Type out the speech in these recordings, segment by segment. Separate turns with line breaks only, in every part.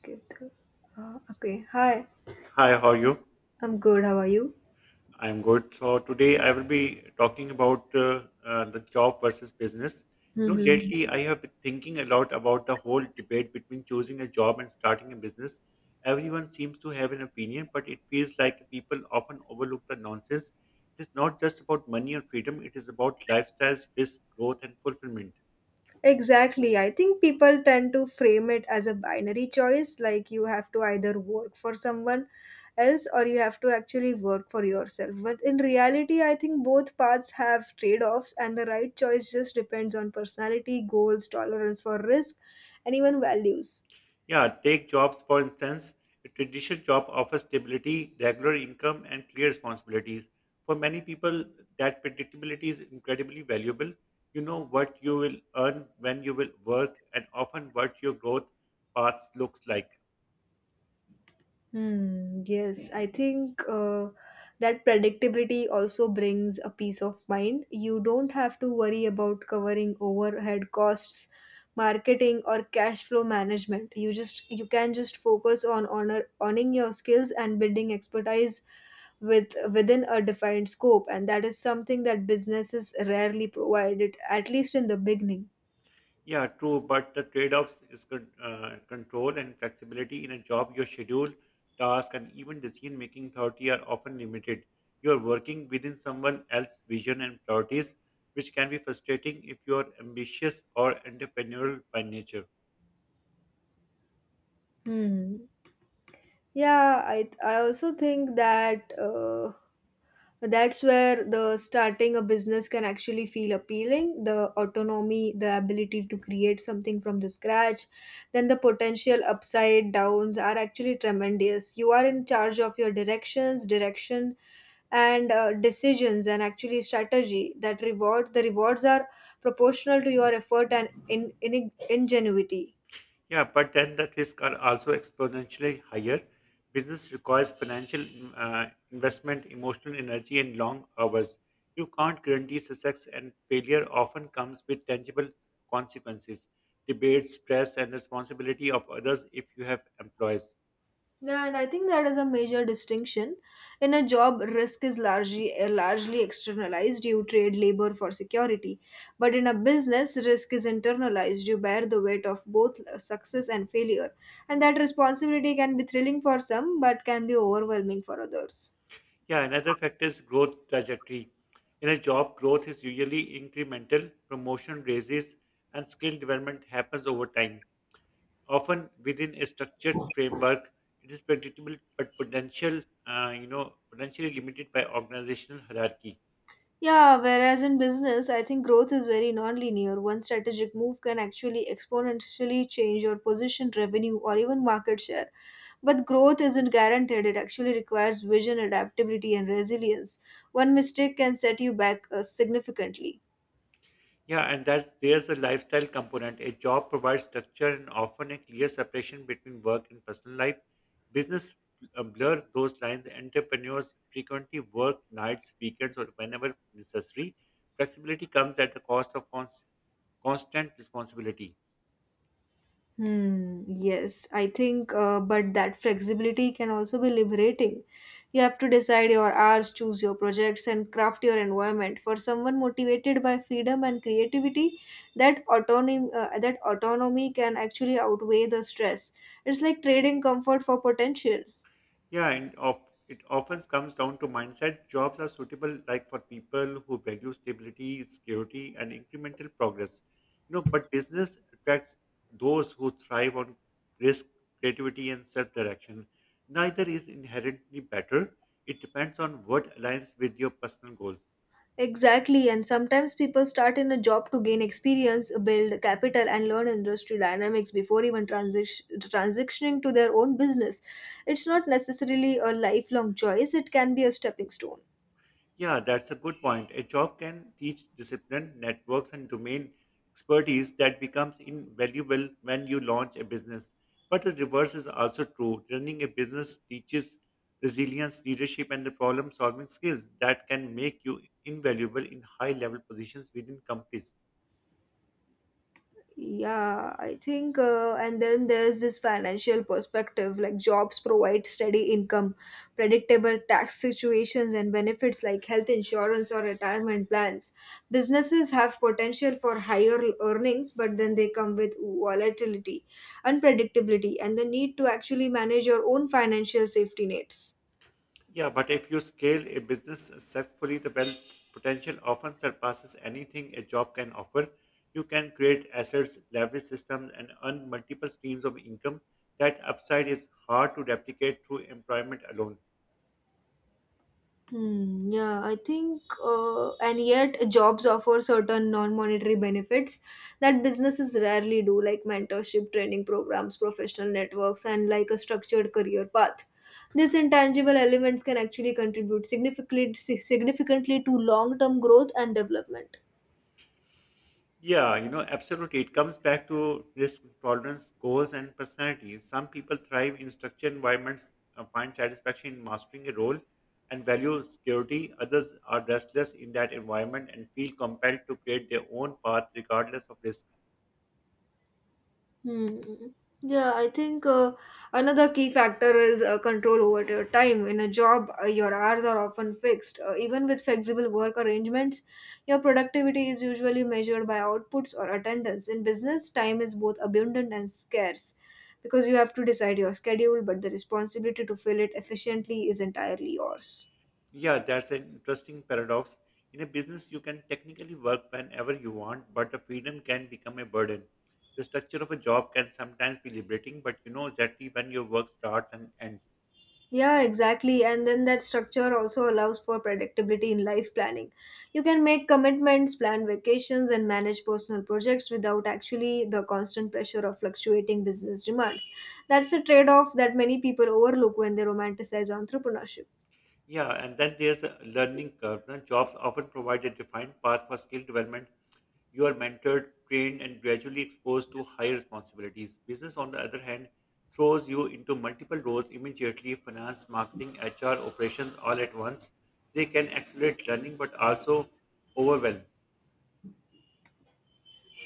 Ketu- Okay, hi.
Hi, how are you?
I'm good. How are you?
I'm good. So today I will be talking about the job versus business. You know,
hmm
lately I have been thinking a lot about the whole debate between choosing a job and starting a business. Everyone seems to have an opinion, but it feels like people often overlook the nonsense. It is not just about money or freedom, it is about lifestyles, risk, growth, and fulfillment.
Exactly. I think people tend to frame it as a binary choice, like you have to either work for someone else or you have to actually work for yourself. But in reality, I think both paths have trade offs, and the right choice just depends on personality, goals, tolerance for risk, and even values.
Yeah, take jobs for instance. A traditional job offers stability, regular income, and clear responsibilities. For many people, that predictability is incredibly valuable. You know what you will earn when you will work, and often what your growth path looks like.
Hmm, yes, I think that predictability also brings a peace of mind. You don't have to worry about covering overhead costs, marketing, or cash flow management. You can just focus on honor owning your skills and building expertise within a defined scope, and that is something that businesses rarely provide it, at least in the beginning.
Yeah, true, but the trade-offs is control and flexibility in a job. Your schedule, task, and even decision-making authority are often limited. You are working within someone else's vision and priorities, which can be frustrating if you are ambitious or entrepreneurial by nature.
Hmm. Yeah, I also think that. That's where the starting a business can actually feel appealing, the autonomy, the ability to create something from the scratch, then the potential upside downs are actually tremendous. You are in charge of your direction and decisions and actually strategy, that reward the rewards are proportional to your effort and in ingenuity.
Yeah, but then the risks are also exponentially higher. Business requires financial investment, emotional energy, and long hours. You can't guarantee success, and failure often comes with tangible consequences, debate, stress, and responsibility of others if you have employees.
Yeah, and I think that is a major distinction. In a job, risk is largely externalized. You trade labor for security, but in a business, risk is internalized. You bear the weight of both success and failure, and that responsibility can be thrilling for some, but can be overwhelming for others.
Yeah, another factor is growth trajectory. In a job, growth is usually incremental, promotion raises, and skill development happens over time often within a structured framework. It is predictable, but potential, you know, potentially limited by organizational hierarchy.
Yeah, whereas in business, I think growth is very non-linear. One strategic move can actually exponentially change your position, revenue, or even market share. But growth isn't guaranteed, it actually requires vision, adaptability, and resilience. One mistake can set you back significantly.
Yeah, and that's there's a lifestyle component. A job provides structure and often a clear separation between work and personal life. Business blur those lines. Entrepreneurs frequently work nights, weekends, or whenever necessary. Flexibility comes at the cost of constant responsibility.
Hmm, yes, I think but that flexibility can also be liberating. You have to decide your hours, choose your projects, and craft your environment. For someone motivated by freedom and creativity, that autonomy can actually outweigh the stress. It's like trading comfort for potential.
Yeah, and of, it often comes down to mindset. Jobs are suitable like for people who value stability, security, and incremental progress. You know, but business attracts those who thrive on risk, creativity, and self-direction. Neither is inherently better. It depends on what aligns with your personal goals.
Exactly, and sometimes people start in a job to gain experience, build capital, and learn industry dynamics before even transitioning to their own business. It's not necessarily a lifelong choice, it can be a stepping stone.
Yeah, that's a good point. A job can teach discipline, networks, and domain expertise that becomes invaluable when you launch a business. But the reverse is also true. Running a business teaches resilience, leadership, and the problem solving skills that can make you invaluable in high level positions within companies.
Yeah, I think and then there's this financial perspective, like jobs provide steady income, predictable tax situations, and benefits like health insurance or retirement plans. Businesses have potential for higher earnings, but then they come with volatility, unpredictability, and the need to actually manage your own financial safety nets.
Yeah, but if you scale a business successfully, the wealth potential often surpasses anything a job can offer. You can create assets, leverage systems, and earn multiple streams of income. That upside is hard to replicate through employment alone.
Hmm, yeah, I think and yet jobs offer certain non-monetary benefits that businesses rarely do, like mentorship, training programs, professional networks, and like a structured career path. These intangible elements can actually contribute significantly to long-term growth and development.
Yeah, you know, absolutely. It comes back to risk tolerance, goals, and personality. Some people thrive in structured environments, find satisfaction in mastering a role, and value security. Others are restless in that environment and feel compelled to create their own path regardless of risk.
Hmm. Yeah, I think another key factor is control over your time. In a job, your hours are often fixed. Even with flexible work arrangements, your productivity is usually measured by outputs or attendance. In business, time is both abundant and scarce because you have to decide your schedule, but the responsibility to fill it efficiently is entirely yours.
Yeah, that's an interesting paradox. In a business, you can technically work whenever you want, but the freedom can become a burden. The structure of a job can sometimes be liberating, but you know exactly when your work starts and ends.
Yeah, exactly. And then that structure also allows for predictability in life planning. You can make commitments, plan vacations, and manage personal projects without actually the constant pressure of fluctuating business demands. That's a trade off that many people overlook when they romanticize entrepreneurship.
Yeah, and then there's a learning curve. Now, jobs often provide a defined path for skill development. You are mentored, trained, and gradually exposed to higher responsibilities. Business, on the other hand, throws you into multiple roles immediately finance, marketing, HR, operations all at once. They can accelerate learning but also overwhelm.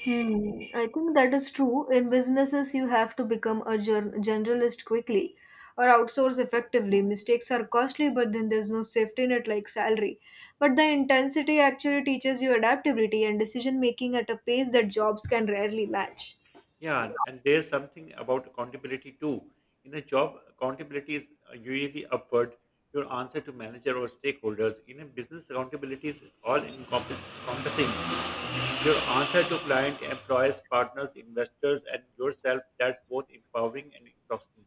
Hmm, I think that is true. In businesses, you have to become a generalist quickly or outsource effectively. Mistakes are costly, but then there's no safety net like salary. But the intensity actually teaches you adaptability and decision making at a pace that jobs can rarely match.
Yeah, and there's something about accountability too. In a job, accountability is usually upward, your answer to manager or stakeholders. In a business, accountability is encompassing. Your answer to client, employees, partners, investors, and yourself, that's both empowering and exhausting.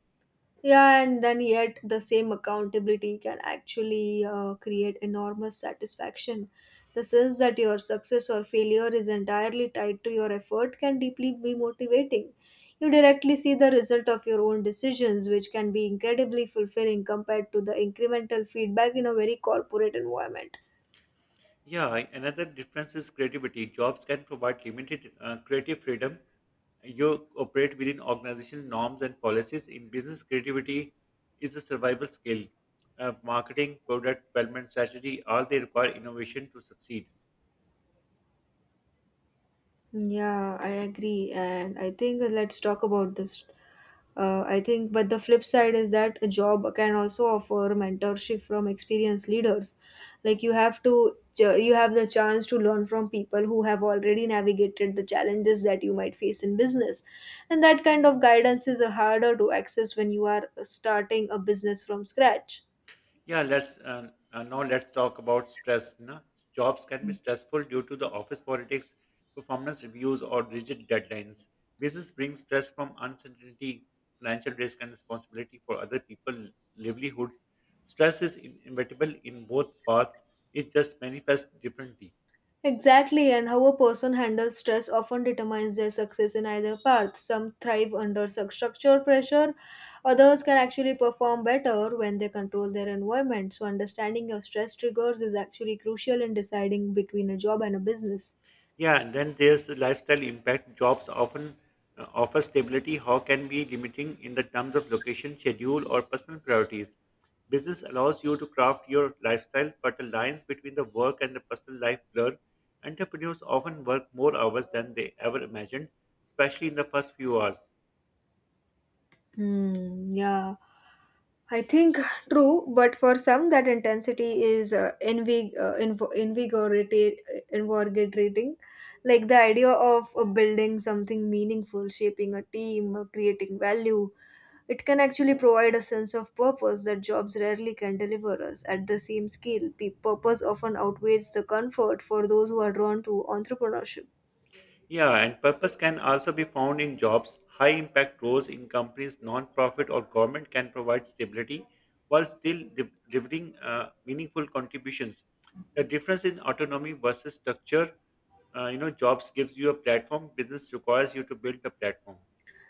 Yeah, and then yet the same accountability can actually create enormous satisfaction. The sense that your success or failure is entirely tied to your effort can deeply be motivating. You directly see the result of your own decisions, which can be incredibly fulfilling compared to the incremental feedback in a very corporate environment.
Yeah, another difference is creativity. Jobs can provide limited creative freedom. You operate within organizational norms and policies. In business, creativity is a survival skill. Marketing, product development, strategy, all they require innovation to succeed.
Yeah, I agree, and I think let's talk about this. But the flip side is that a job can also offer mentorship from experienced leaders. Like you have the chance to learn from people who have already navigated the challenges that you might face in business, and that kind of guidance is harder to access when you are starting a business from scratch.
Yeah, let's now let's talk about stress. No? Jobs can be stressful due to the office politics, performance reviews, or rigid deadlines. Business brings stress from uncertainty, financial risk, and responsibility for other people's livelihoods. Stress is inevitable in both paths; it just manifests differently.
Exactly, and how a person handles stress often determines their success in either path. Some thrive under such structure pressure, others can actually perform better when they control their environment. So, understanding your stress triggers is actually crucial in deciding between a job and a business.
Yeah, and then there's the lifestyle impact. Jobs often offer stability, how can be limiting in the terms of location, schedule, or personal priorities. Business allows you to craft your lifestyle, but the lines between the work and the personal life blur. Entrepreneurs often work more hours than they ever imagined, especially in the first few hours.
Hmm, yeah. I think true, but for some that intensity is invigorating. Like the idea of building something meaningful, shaping a team, creating value, it can actually provide a sense of purpose that jobs rarely can deliver us at the same scale. Pe- Purpose often outweighs the comfort for those who are drawn to entrepreneurship.
Yeah, and purpose can also be found in jobs. High impact roles in companies, non-profit or government can provide stability while still delivering meaningful contributions. The difference in autonomy versus structure, you know, jobs gives you a platform, business requires you to build the platform.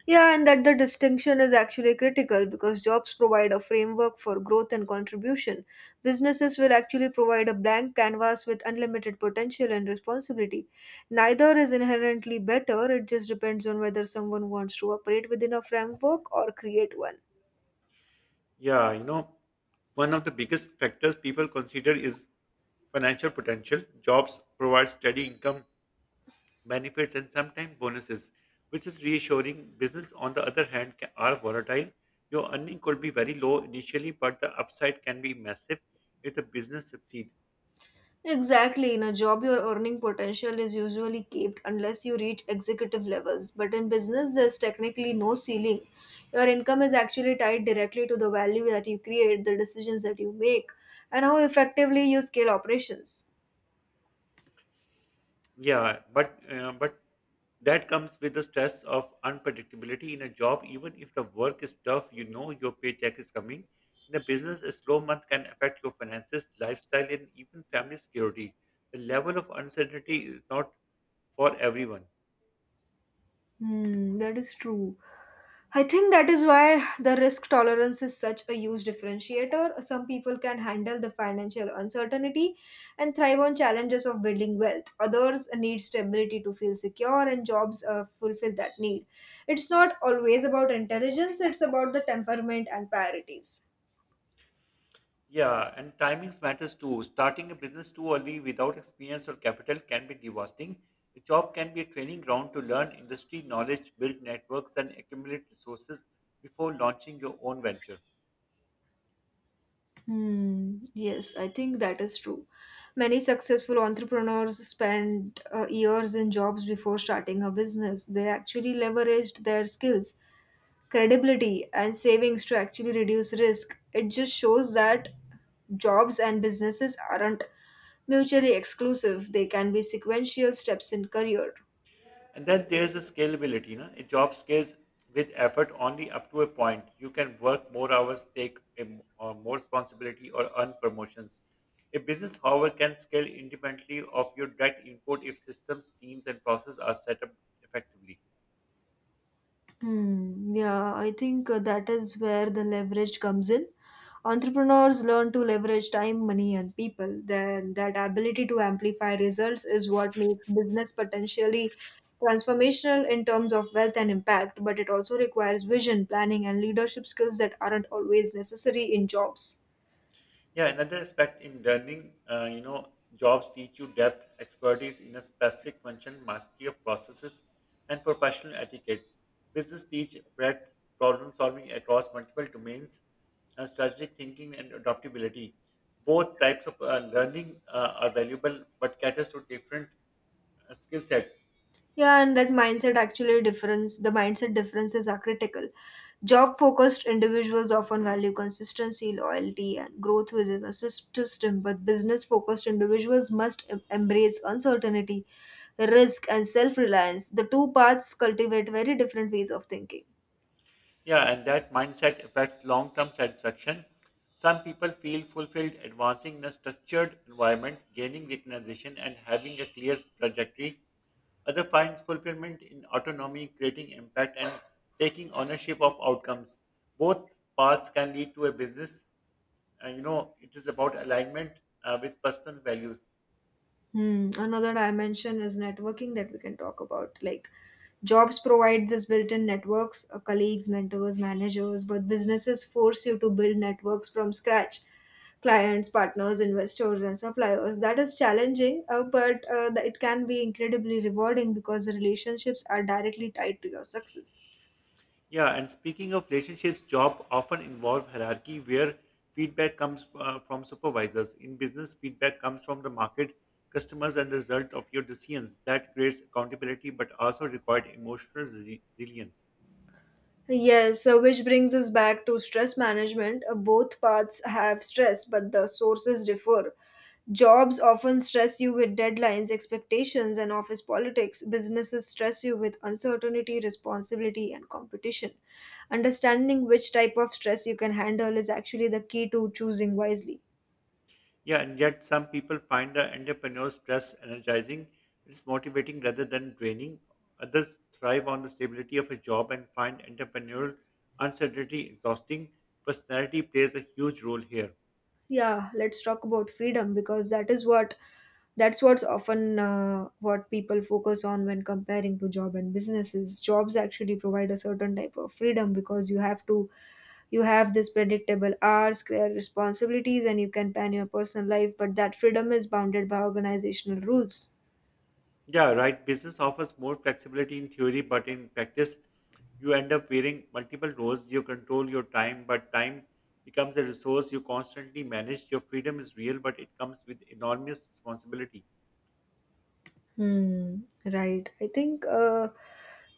Yeah, and that the distinction is actually critical because jobs provide a framework for growth and contribution. Businesses will actually provide a blank canvas with unlimited potential and responsibility. Neither is inherently better, it just depends on whether someone wants to operate within a framework or create one.
Yeah, you know, one of the biggest factors people consider is financial potential. Jobs provide steady income benefits, and sometimes bonuses, which is reassuring. Business, on the other hand, are volatile. Your earning could be very low initially, but the upside can be massive if the business succeeds.
Exactly. In a job, your earning potential is usually capped unless you reach executive levels. But in business, there's technically no ceiling. Your income is actually tied directly to the value that you create, the decisions that you make, and how effectively you scale operations.
Yeah, but that comes with the stress of unpredictability in a job. Even if the work is tough, you know your paycheck is coming. In a business, a slow month can affect your finances, lifestyle, and even family security. The level of uncertainty is not for everyone.
Hmm, that is true. I think that is why the risk tolerance is such a huge differentiator. Some people can handle the financial uncertainty and thrive on challenges of building wealth. Others need stability to feel secure, and jobs fulfill that need. It's not always about intelligence, it's about the temperament and priorities.
Yeah, and timings matters too. Starting a business too early without experience or capital can be devastating. A job can be a training ground to learn industry knowledge, build networks, and accumulate resources before launching your own venture.
Hmm, yes, I think that is true. Many successful entrepreneurs spend years in jobs before starting a business. They actually leveraged their skills, credibility, and savings to actually reduce risk. It just shows that jobs and businesses aren't mutually exclusive, they can be sequential steps in career.
And then there's a scalability. Na? A job scales with effort only up to a point. You can work more hours, take a m- or more responsibility, or earn promotions. A business, however, can scale independently of your direct input if systems, teams, and processes are set up effectively.
Hmm, yeah, I think that is where the leverage comes in. Entrepreneurs learn to leverage time, money, and people. Then that ability to amplify results is what makes business potentially transformational in terms of wealth and impact, but it also requires vision, planning, and leadership skills that aren't always necessary in jobs.
Yeah, another aspect in learning, you know, jobs teach you depth, expertise in a specific function, mastery of processes, and professional etiquettes. Business teach breadth, problem solving across multiple domains, strategic thinking, and adaptability. Both types of learning are valuable, but caters to different skill sets.
Yeah, and that mindset the mindset differences are critical. Job focused individuals often value consistency, loyalty, and growth within a system, but business focused individuals must embrace uncertainty, risk, and self reliance. The two paths cultivate very different ways of thinking.
Yeah, and that mindset affects long term satisfaction. Some people feel fulfilled advancing in a structured environment, gaining recognition, and having a clear trajectory. Others find fulfillment in autonomy, creating impact, and taking ownership of outcomes. Both paths can lead to a business. And you know, it is about alignment with personal values.
Hmm. Another dimension is networking that we can talk about. Like jobs provide this built-in networks, colleagues, mentors, managers, but businesses force you to build networks from scratch. Clients, partners, investors, and suppliers. That is challenging, but it can be incredibly rewarding because the relationships are directly tied to your success.
Yeah, and speaking of relationships, job often involve hierarchy where feedback comes from supervisors. In business, feedback comes from the market, customers, and the result of your decisions. That creates accountability, but also required emotional resilience.
Yes, so which brings us back to stress management. Both paths have stress, but the sources differ. Jobs often stress you with deadlines, expectations, and office politics. Businesses stress you with uncertainty, responsibility, and competition. Understanding which type of stress you can handle is actually the key to choosing wisely.
Yeah, and yet some people find the entrepreneurial stress energizing. It's motivating rather than draining. Others thrive on the stability of a job and find entrepreneurial uncertainty exhausting. Personality plays a huge role here.
Yeah, let's talk about freedom, because that's what people focus on when comparing to job and businesses. Jobs actually provide a certain type of freedom because you have this predictable hours, career, responsibilities, and you can plan your personal life, but that freedom is bounded by organizational rules.
Yeah, right. Business offers more flexibility in theory, but in practice, you end up wearing multiple roles. You control your time, but time becomes a resource you constantly manage. Your freedom is real, but it comes with enormous responsibility.
hmm right, I think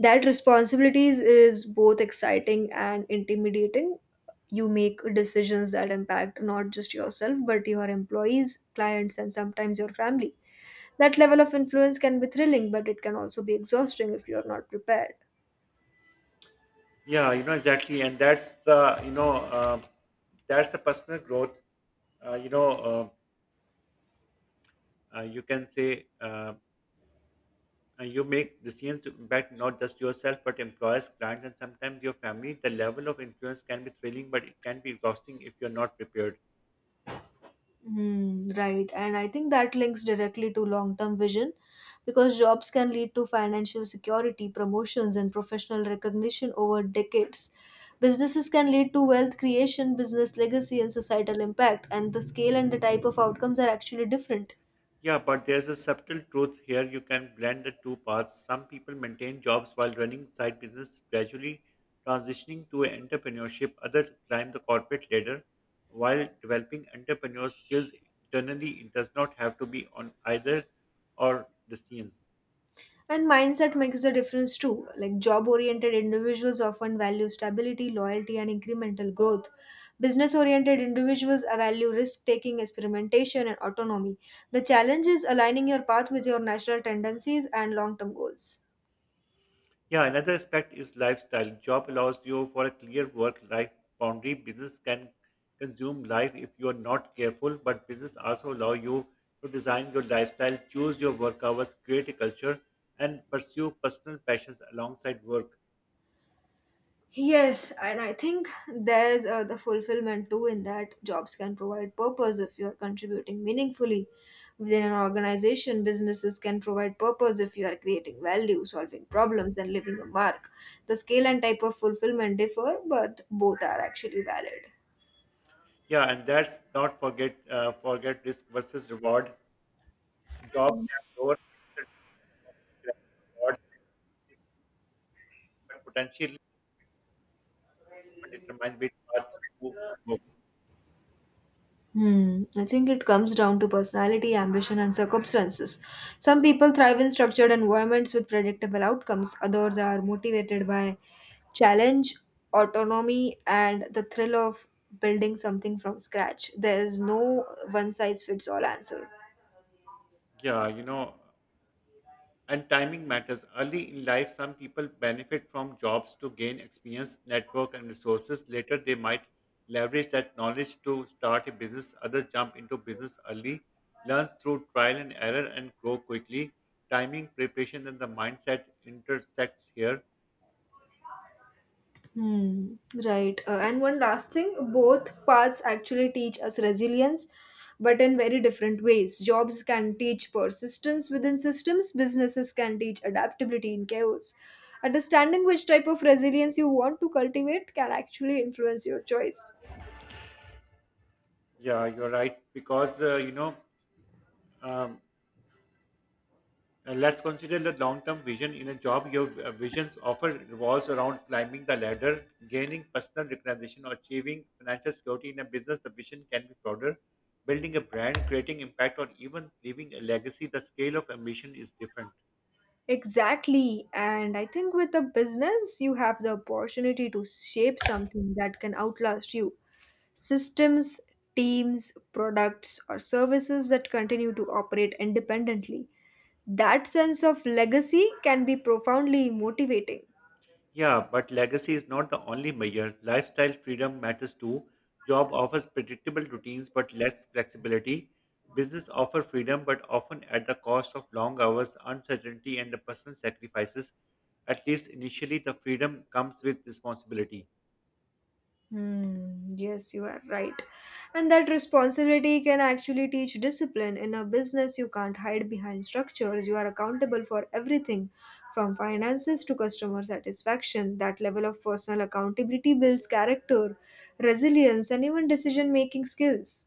that responsibilities is both exciting and intimidating. You make decisions that impact not just yourself but your employees, clients, and sometimes your family. That level of influence can be thrilling, but it can also be exhausting if you are not prepared.
Yeah, you know exactly, and that's the personal growth. You know, you can say you make decisions to impact not just yourself but employers, clients, and sometimes your family. The level of influence can be thrilling, but it can be exhausting if you're not prepared.
Hmm, right. And I think that links directly to long term vision because jobs can lead to financial security, promotions, and professional recognition over decades. Businesses can lead to wealth creation, business legacy, and societal impact, and the scale and the type of outcomes are actually different.
Yeah, but there's a subtle truth here. You can blend the two paths. Some people maintain jobs while running side business, gradually transitioning to entrepreneurship. Others climb the corporate ladder while developing entrepreneur skills internally. It does not have to be on either or destinies.
And mindset makes a difference too. Like job oriented individuals often value stability, loyalty, and incremental growth. Business oriented individuals value risk taking, experimentation, and autonomy. The challenge is aligning your path with your natural tendencies and long term goals.
Yeah, another aspect is lifestyle. Job allows you for a clear work-life boundary. Business can consume life if you are not careful, but business also allow you to design your lifestyle, choose your work hours, create a culture, and pursue personal passions alongside work.
Yes, and I think there's the fulfillment too, in that jobs can provide purpose if you're contributing meaningfully within an organization. Businesses can provide purpose if you are creating value, solving problems, and leaving a mark. The scale and type of fulfillment differ, but both are actually valid.
Yeah, and that's not forget risk versus reward. Jobs have lower rewards, but potentially determine which paths to go.
Hmm. I think it comes down to personality, ambition, and circumstances. Some people thrive in structured environments with predictable outcomes, others are motivated by challenge, autonomy, and the thrill of building something from scratch. There is no one size fits all answer.
Yeah, you know. And timing matters. Early in life, some people benefit from jobs to gain experience, network, and resources. Later, they might leverage that knowledge to start a business. Others jump into business early, learn through trial and error, and grow quickly. Timing, preparation, and the mindset intersects here.
Hmm, right. And one last thing, both paths actually teach us resilience, but in very different ways. Jobs can teach persistence within systems, businesses can teach adaptability in chaos. Understanding which type of resilience you want to cultivate can actually influence your choice.
Yeah, you're right. Because, you know, um, let's consider the long-term vision. In a job, your visions often revolves around climbing the ladder, gaining personal recognition, or achieving financial security. In a business, the vision can be broader, building a brand, creating impact, or even leaving a legacy. The scale of ambition is different.
Exactly. And I think with a business, you have the opportunity to shape something that can outlast you. Systems, teams, products, or services that continue to operate independently. That sense of legacy can be profoundly motivating.
Yeah, but legacy is not the only measure. Lifestyle freedom matters too. Job offers predictable routines but less flexibility. Business offer freedom but often at the cost of long hours, uncertainty, and the personal sacrifices. At least initially, the freedom comes with responsibility.
Hmm, yes, you are right. And that responsibility can actually teach discipline. In a business, you can't hide behind structures. You are accountable for everything from finances to customer satisfaction. That level of personal accountability builds character, resilience, and even decision making skills.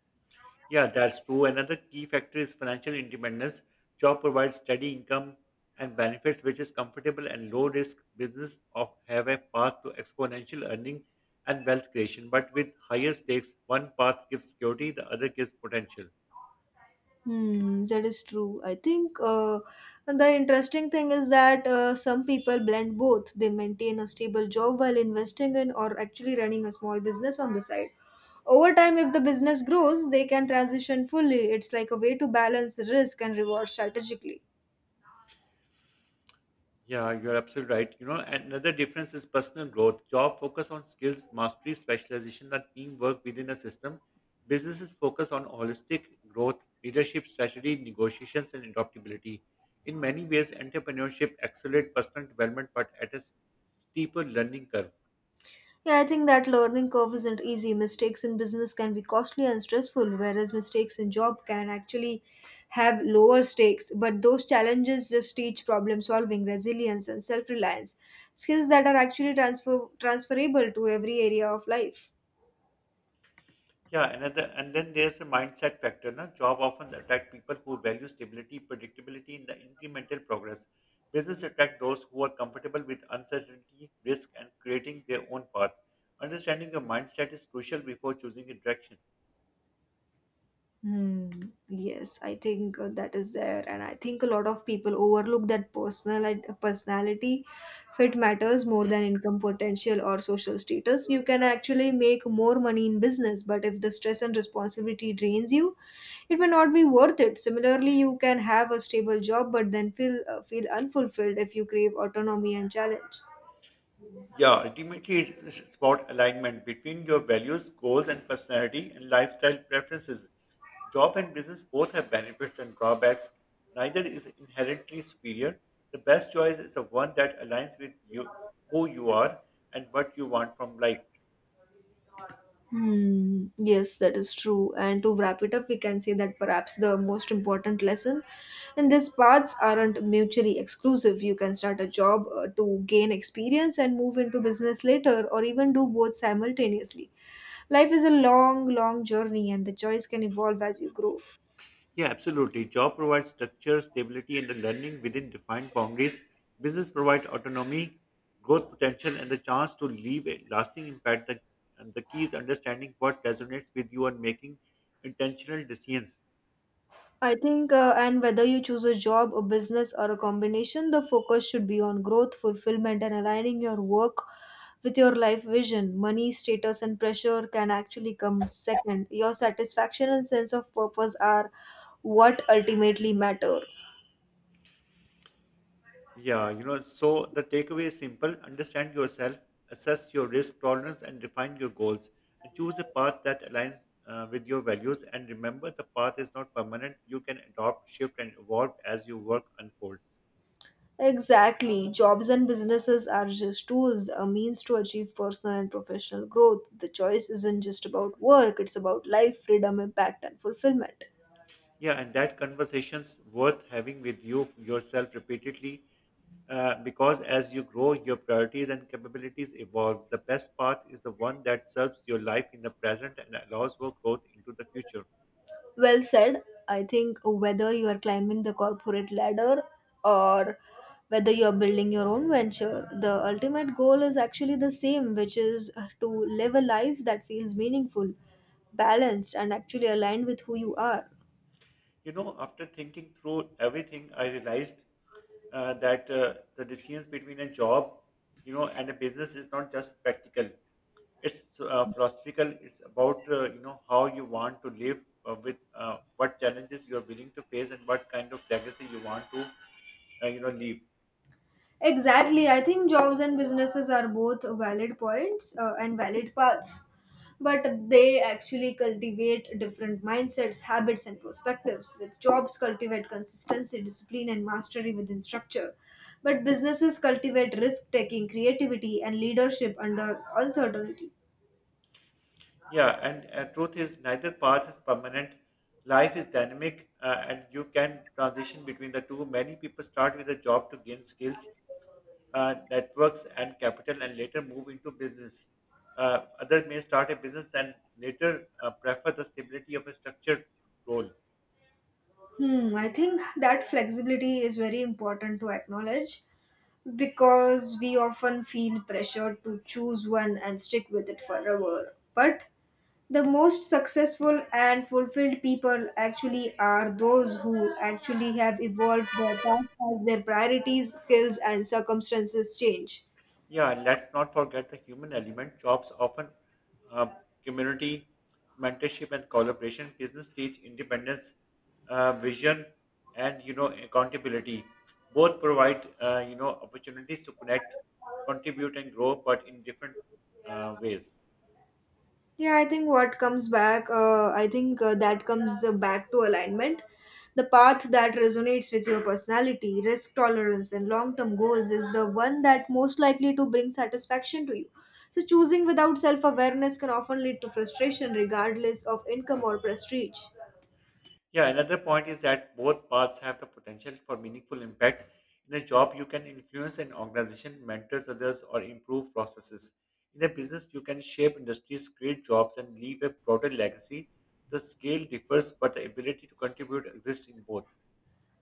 Yeah, that's true. Another key factor is financial independence. Job provides steady income and benefits, which is comfortable and low risk. Business of have a path to exponential earning and wealth creation, but with higher stakes, one path gives security, the other gives potential.
Hmm, that is true. I think the interesting thing is that some people blend both. They maintain a stable job while investing in or actually running a small business on the side. Over time, if the business grows, they can transition fully. It's like a way to balance risk and reward strategically.
Yeah, you're absolutely right. You know, another difference is personal growth. Job focus on skills, mastery, specialization, and teamwork within a system. Businesses focus on holistic growth, leadership, strategy, negotiations, and adaptability. In many ways, entrepreneurship accelerates personal development, but at a steeper learning curve.
Yeah, I think that learning curve isn't easy. Mistakes in business can be costly and stressful, whereas mistakes in job can actually have lower stakes. But those challenges just teach problem solving, resilience, and self reliance skills that are actually transferable to every area of life.
Yeah, another, and then there's a mindset factor. Na? Job often attract people who value stability, predictability, and the incremental progress. Business attract those who are comfortable with uncertainty, risk, and creating their own path. Understanding your mindset is crucial before choosing a direction.
Hmm. Yes, I think that is there, and I think a lot of people overlook that personal personality fit matters more than income potential or social status. You can actually make more money in business, but if the stress and responsibility drains you, it may not be worth it. Similarly, you can have a stable job, but then feel unfulfilled if you crave autonomy and challenge.
Yeah, ultimately, it's about alignment between your values, goals, and personality and lifestyle preferences. Job and business both have benefits and drawbacks. Neither is inherently superior. The best choice is the one that aligns with you, who you are, and what you want from life.
Hmm, yes, that is true. And to wrap it up, we can say that perhaps the most important lesson in these paths aren't mutually exclusive. You can start a job to gain experience and move into business later, or even do both simultaneously. Life is a long, long journey, and the choice can evolve as you grow.
Yeah, absolutely. Job provides structure, stability, and the learning within defined boundaries. Business provides autonomy, growth potential, and the chance to leave a lasting impact. And the key is understanding what resonates with you and making intentional decisions.
And whether you choose a job, a business, or a combination, the focus should be on growth, fulfillment, and aligning your work with your life vision. Money, status, and pressure can actually come second. Your satisfaction and sense of purpose are what ultimately matter.
Yeah, you know, so the takeaway is simple understand yourself, assess your risk tolerance, and define your goals. And choose a path that aligns with your values. And remember, the path is not permanent. You can adopt, shift, and evolve as your work unfolds.
Exactly. Jobs and businesses are just tools, a means to achieve personal and professional growth. The choice isn't just about work, it's about life, freedom, impact, and fulfillment.
Yeah, and that conversation's worth having with you yourself repeatedly because as you grow, your priorities and capabilities evolve. The best path is the one that serves your life in the present and allows for growth into the future.
Well said. I think whether you are climbing the corporate ladder or whether you're building your own venture, the ultimate goal is actually the same, which is to live a life that feels meaningful, balanced, and actually aligned with who you are.
You know, after thinking through everything, I realized that the decisions between a job, you know, and a business is not just practical. It's philosophical. It's about you know, how you want to live with what challenges you are willing to face and what kind of legacy you want to you know, leave.
Exactly. I think jobs and businesses are both valid points and valid paths, but they actually cultivate different mindsets, habits, and perspectives. The jobs cultivate consistency, discipline, and mastery within structure, but businesses cultivate risk taking, creativity, and leadership under uncertainty.
Yeah, and truth is, neither path is permanent. Life is dynamic, and you can transition between the two. Many people start with a job to gain skills, networks, and capital, and later move into business. Others may start a business and later prefer the stability of a structured role.
Hmm, I think that flexibility is very important to acknowledge because we often feel pressured to choose one and stick with it forever. But the most successful and fulfilled people actually are those who actually have evolved their past as their priorities, skills, and circumstances change.
Yeah, let's not forget the human element. Jobs often uh, community, mentorship, and collaboration. Business teach independence, vision, and you know, accountability. Both provide you know, opportunities to connect, contribute, and grow, but in different ways.
Yeah, I think what comes back, I think that comes back to alignment. The path that resonates with your personality, risk tolerance, and long term goals is the one that most likely to bring satisfaction to you. So, choosing without self awareness can often lead to frustration, regardless of income or prestige.
Yeah, another point is that both paths have the potential for meaningful impact. In a job, you can influence an organization, mentors others, or improve processes. In a business, you can shape industries, create jobs, and leave a broader legacy. The scale differs, but the ability to contribute exists in both.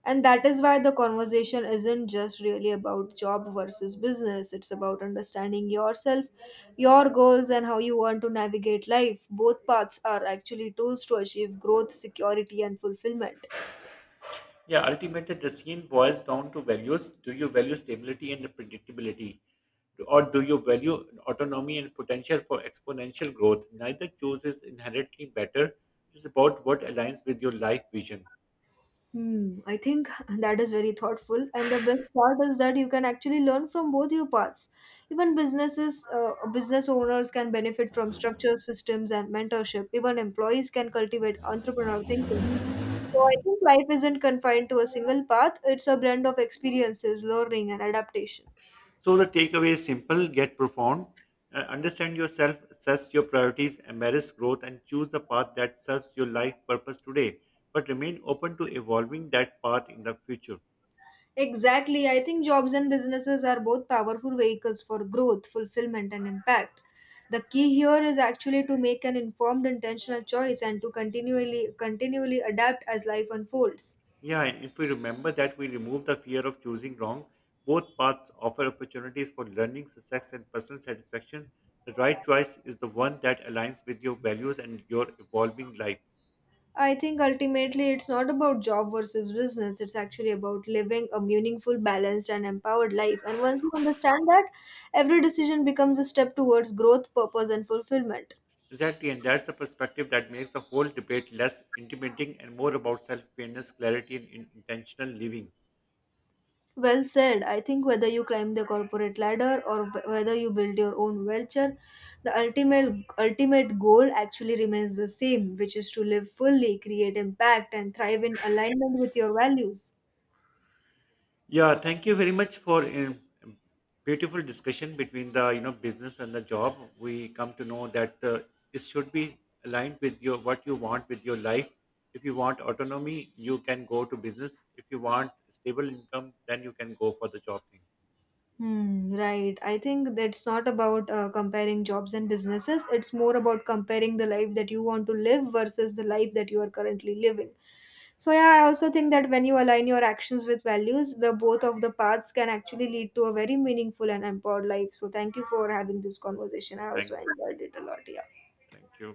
And that is why the conversation isn't just really about job versus business. It's about understanding yourself, your goals, and how you want to navigate life. Both paths are actually tools to achieve growth, security, and fulfillment.
Yeah, ultimately, the scene boils down to values. Do you value stability and predictability? Or do you value autonomy and potential for exponential growth? Neither choice is inherently better. It's about what aligns with your life vision.
Hmm, I think that is very thoughtful. And the best part is that you can actually learn from both your paths. Even business owners can benefit from structure systems and mentorship. Even employees can cultivate entrepreneurial thinking. So I think life isn't confined to a single path, it's a blend of experiences, learning, and adaptation.
So the takeaway is simple yet profound. Understand yourself, assess your priorities, embrace growth, and choose the path that serves your life purpose today, but remain open to evolving that path in the future.
Exactly. I think jobs and businesses are both powerful vehicles for growth, fulfillment, and impact. The key here is actually to make an informed, intentional choice and to continually adapt as life unfolds.
Yeah, if we remember that we remove the fear of choosing wrong, both paths offer opportunities for learning, success, and personal satisfaction. The right choice is the one that aligns with your values and your evolving life.
I think ultimately it's not about job versus business. It's actually about living a meaningful, balanced, and empowered life. And once you understand that, every decision becomes a step towards growth, purpose, and fulfillment.
Exactly, and that's the perspective that makes the whole debate less intimidating and more about self awareness, clarity, and intentional living.
Well said. I think whether you climb the corporate ladder or whether you build your own venture, the ultimate goal actually remains the same, which is to live fully, create impact, and thrive in alignment with your values.
Yeah, thank you very much for a beautiful discussion between the you know, business and the job. We come to know that it should be aligned with your what you want with your life. If you want autonomy, you can go to business. If you want stable income, then you can go for the job thing.
Hmm, right. I think that's not about comparing jobs and businesses. It's more about comparing the life that you want to live versus the life that you are currently living. So, yeah, I also think that when you align your actions with values, the both of the paths can actually lead to a very meaningful and empowered life. So, thank you for having this conversation. I also
Thank,
enjoyed it a lot. Yeah.
Thank you.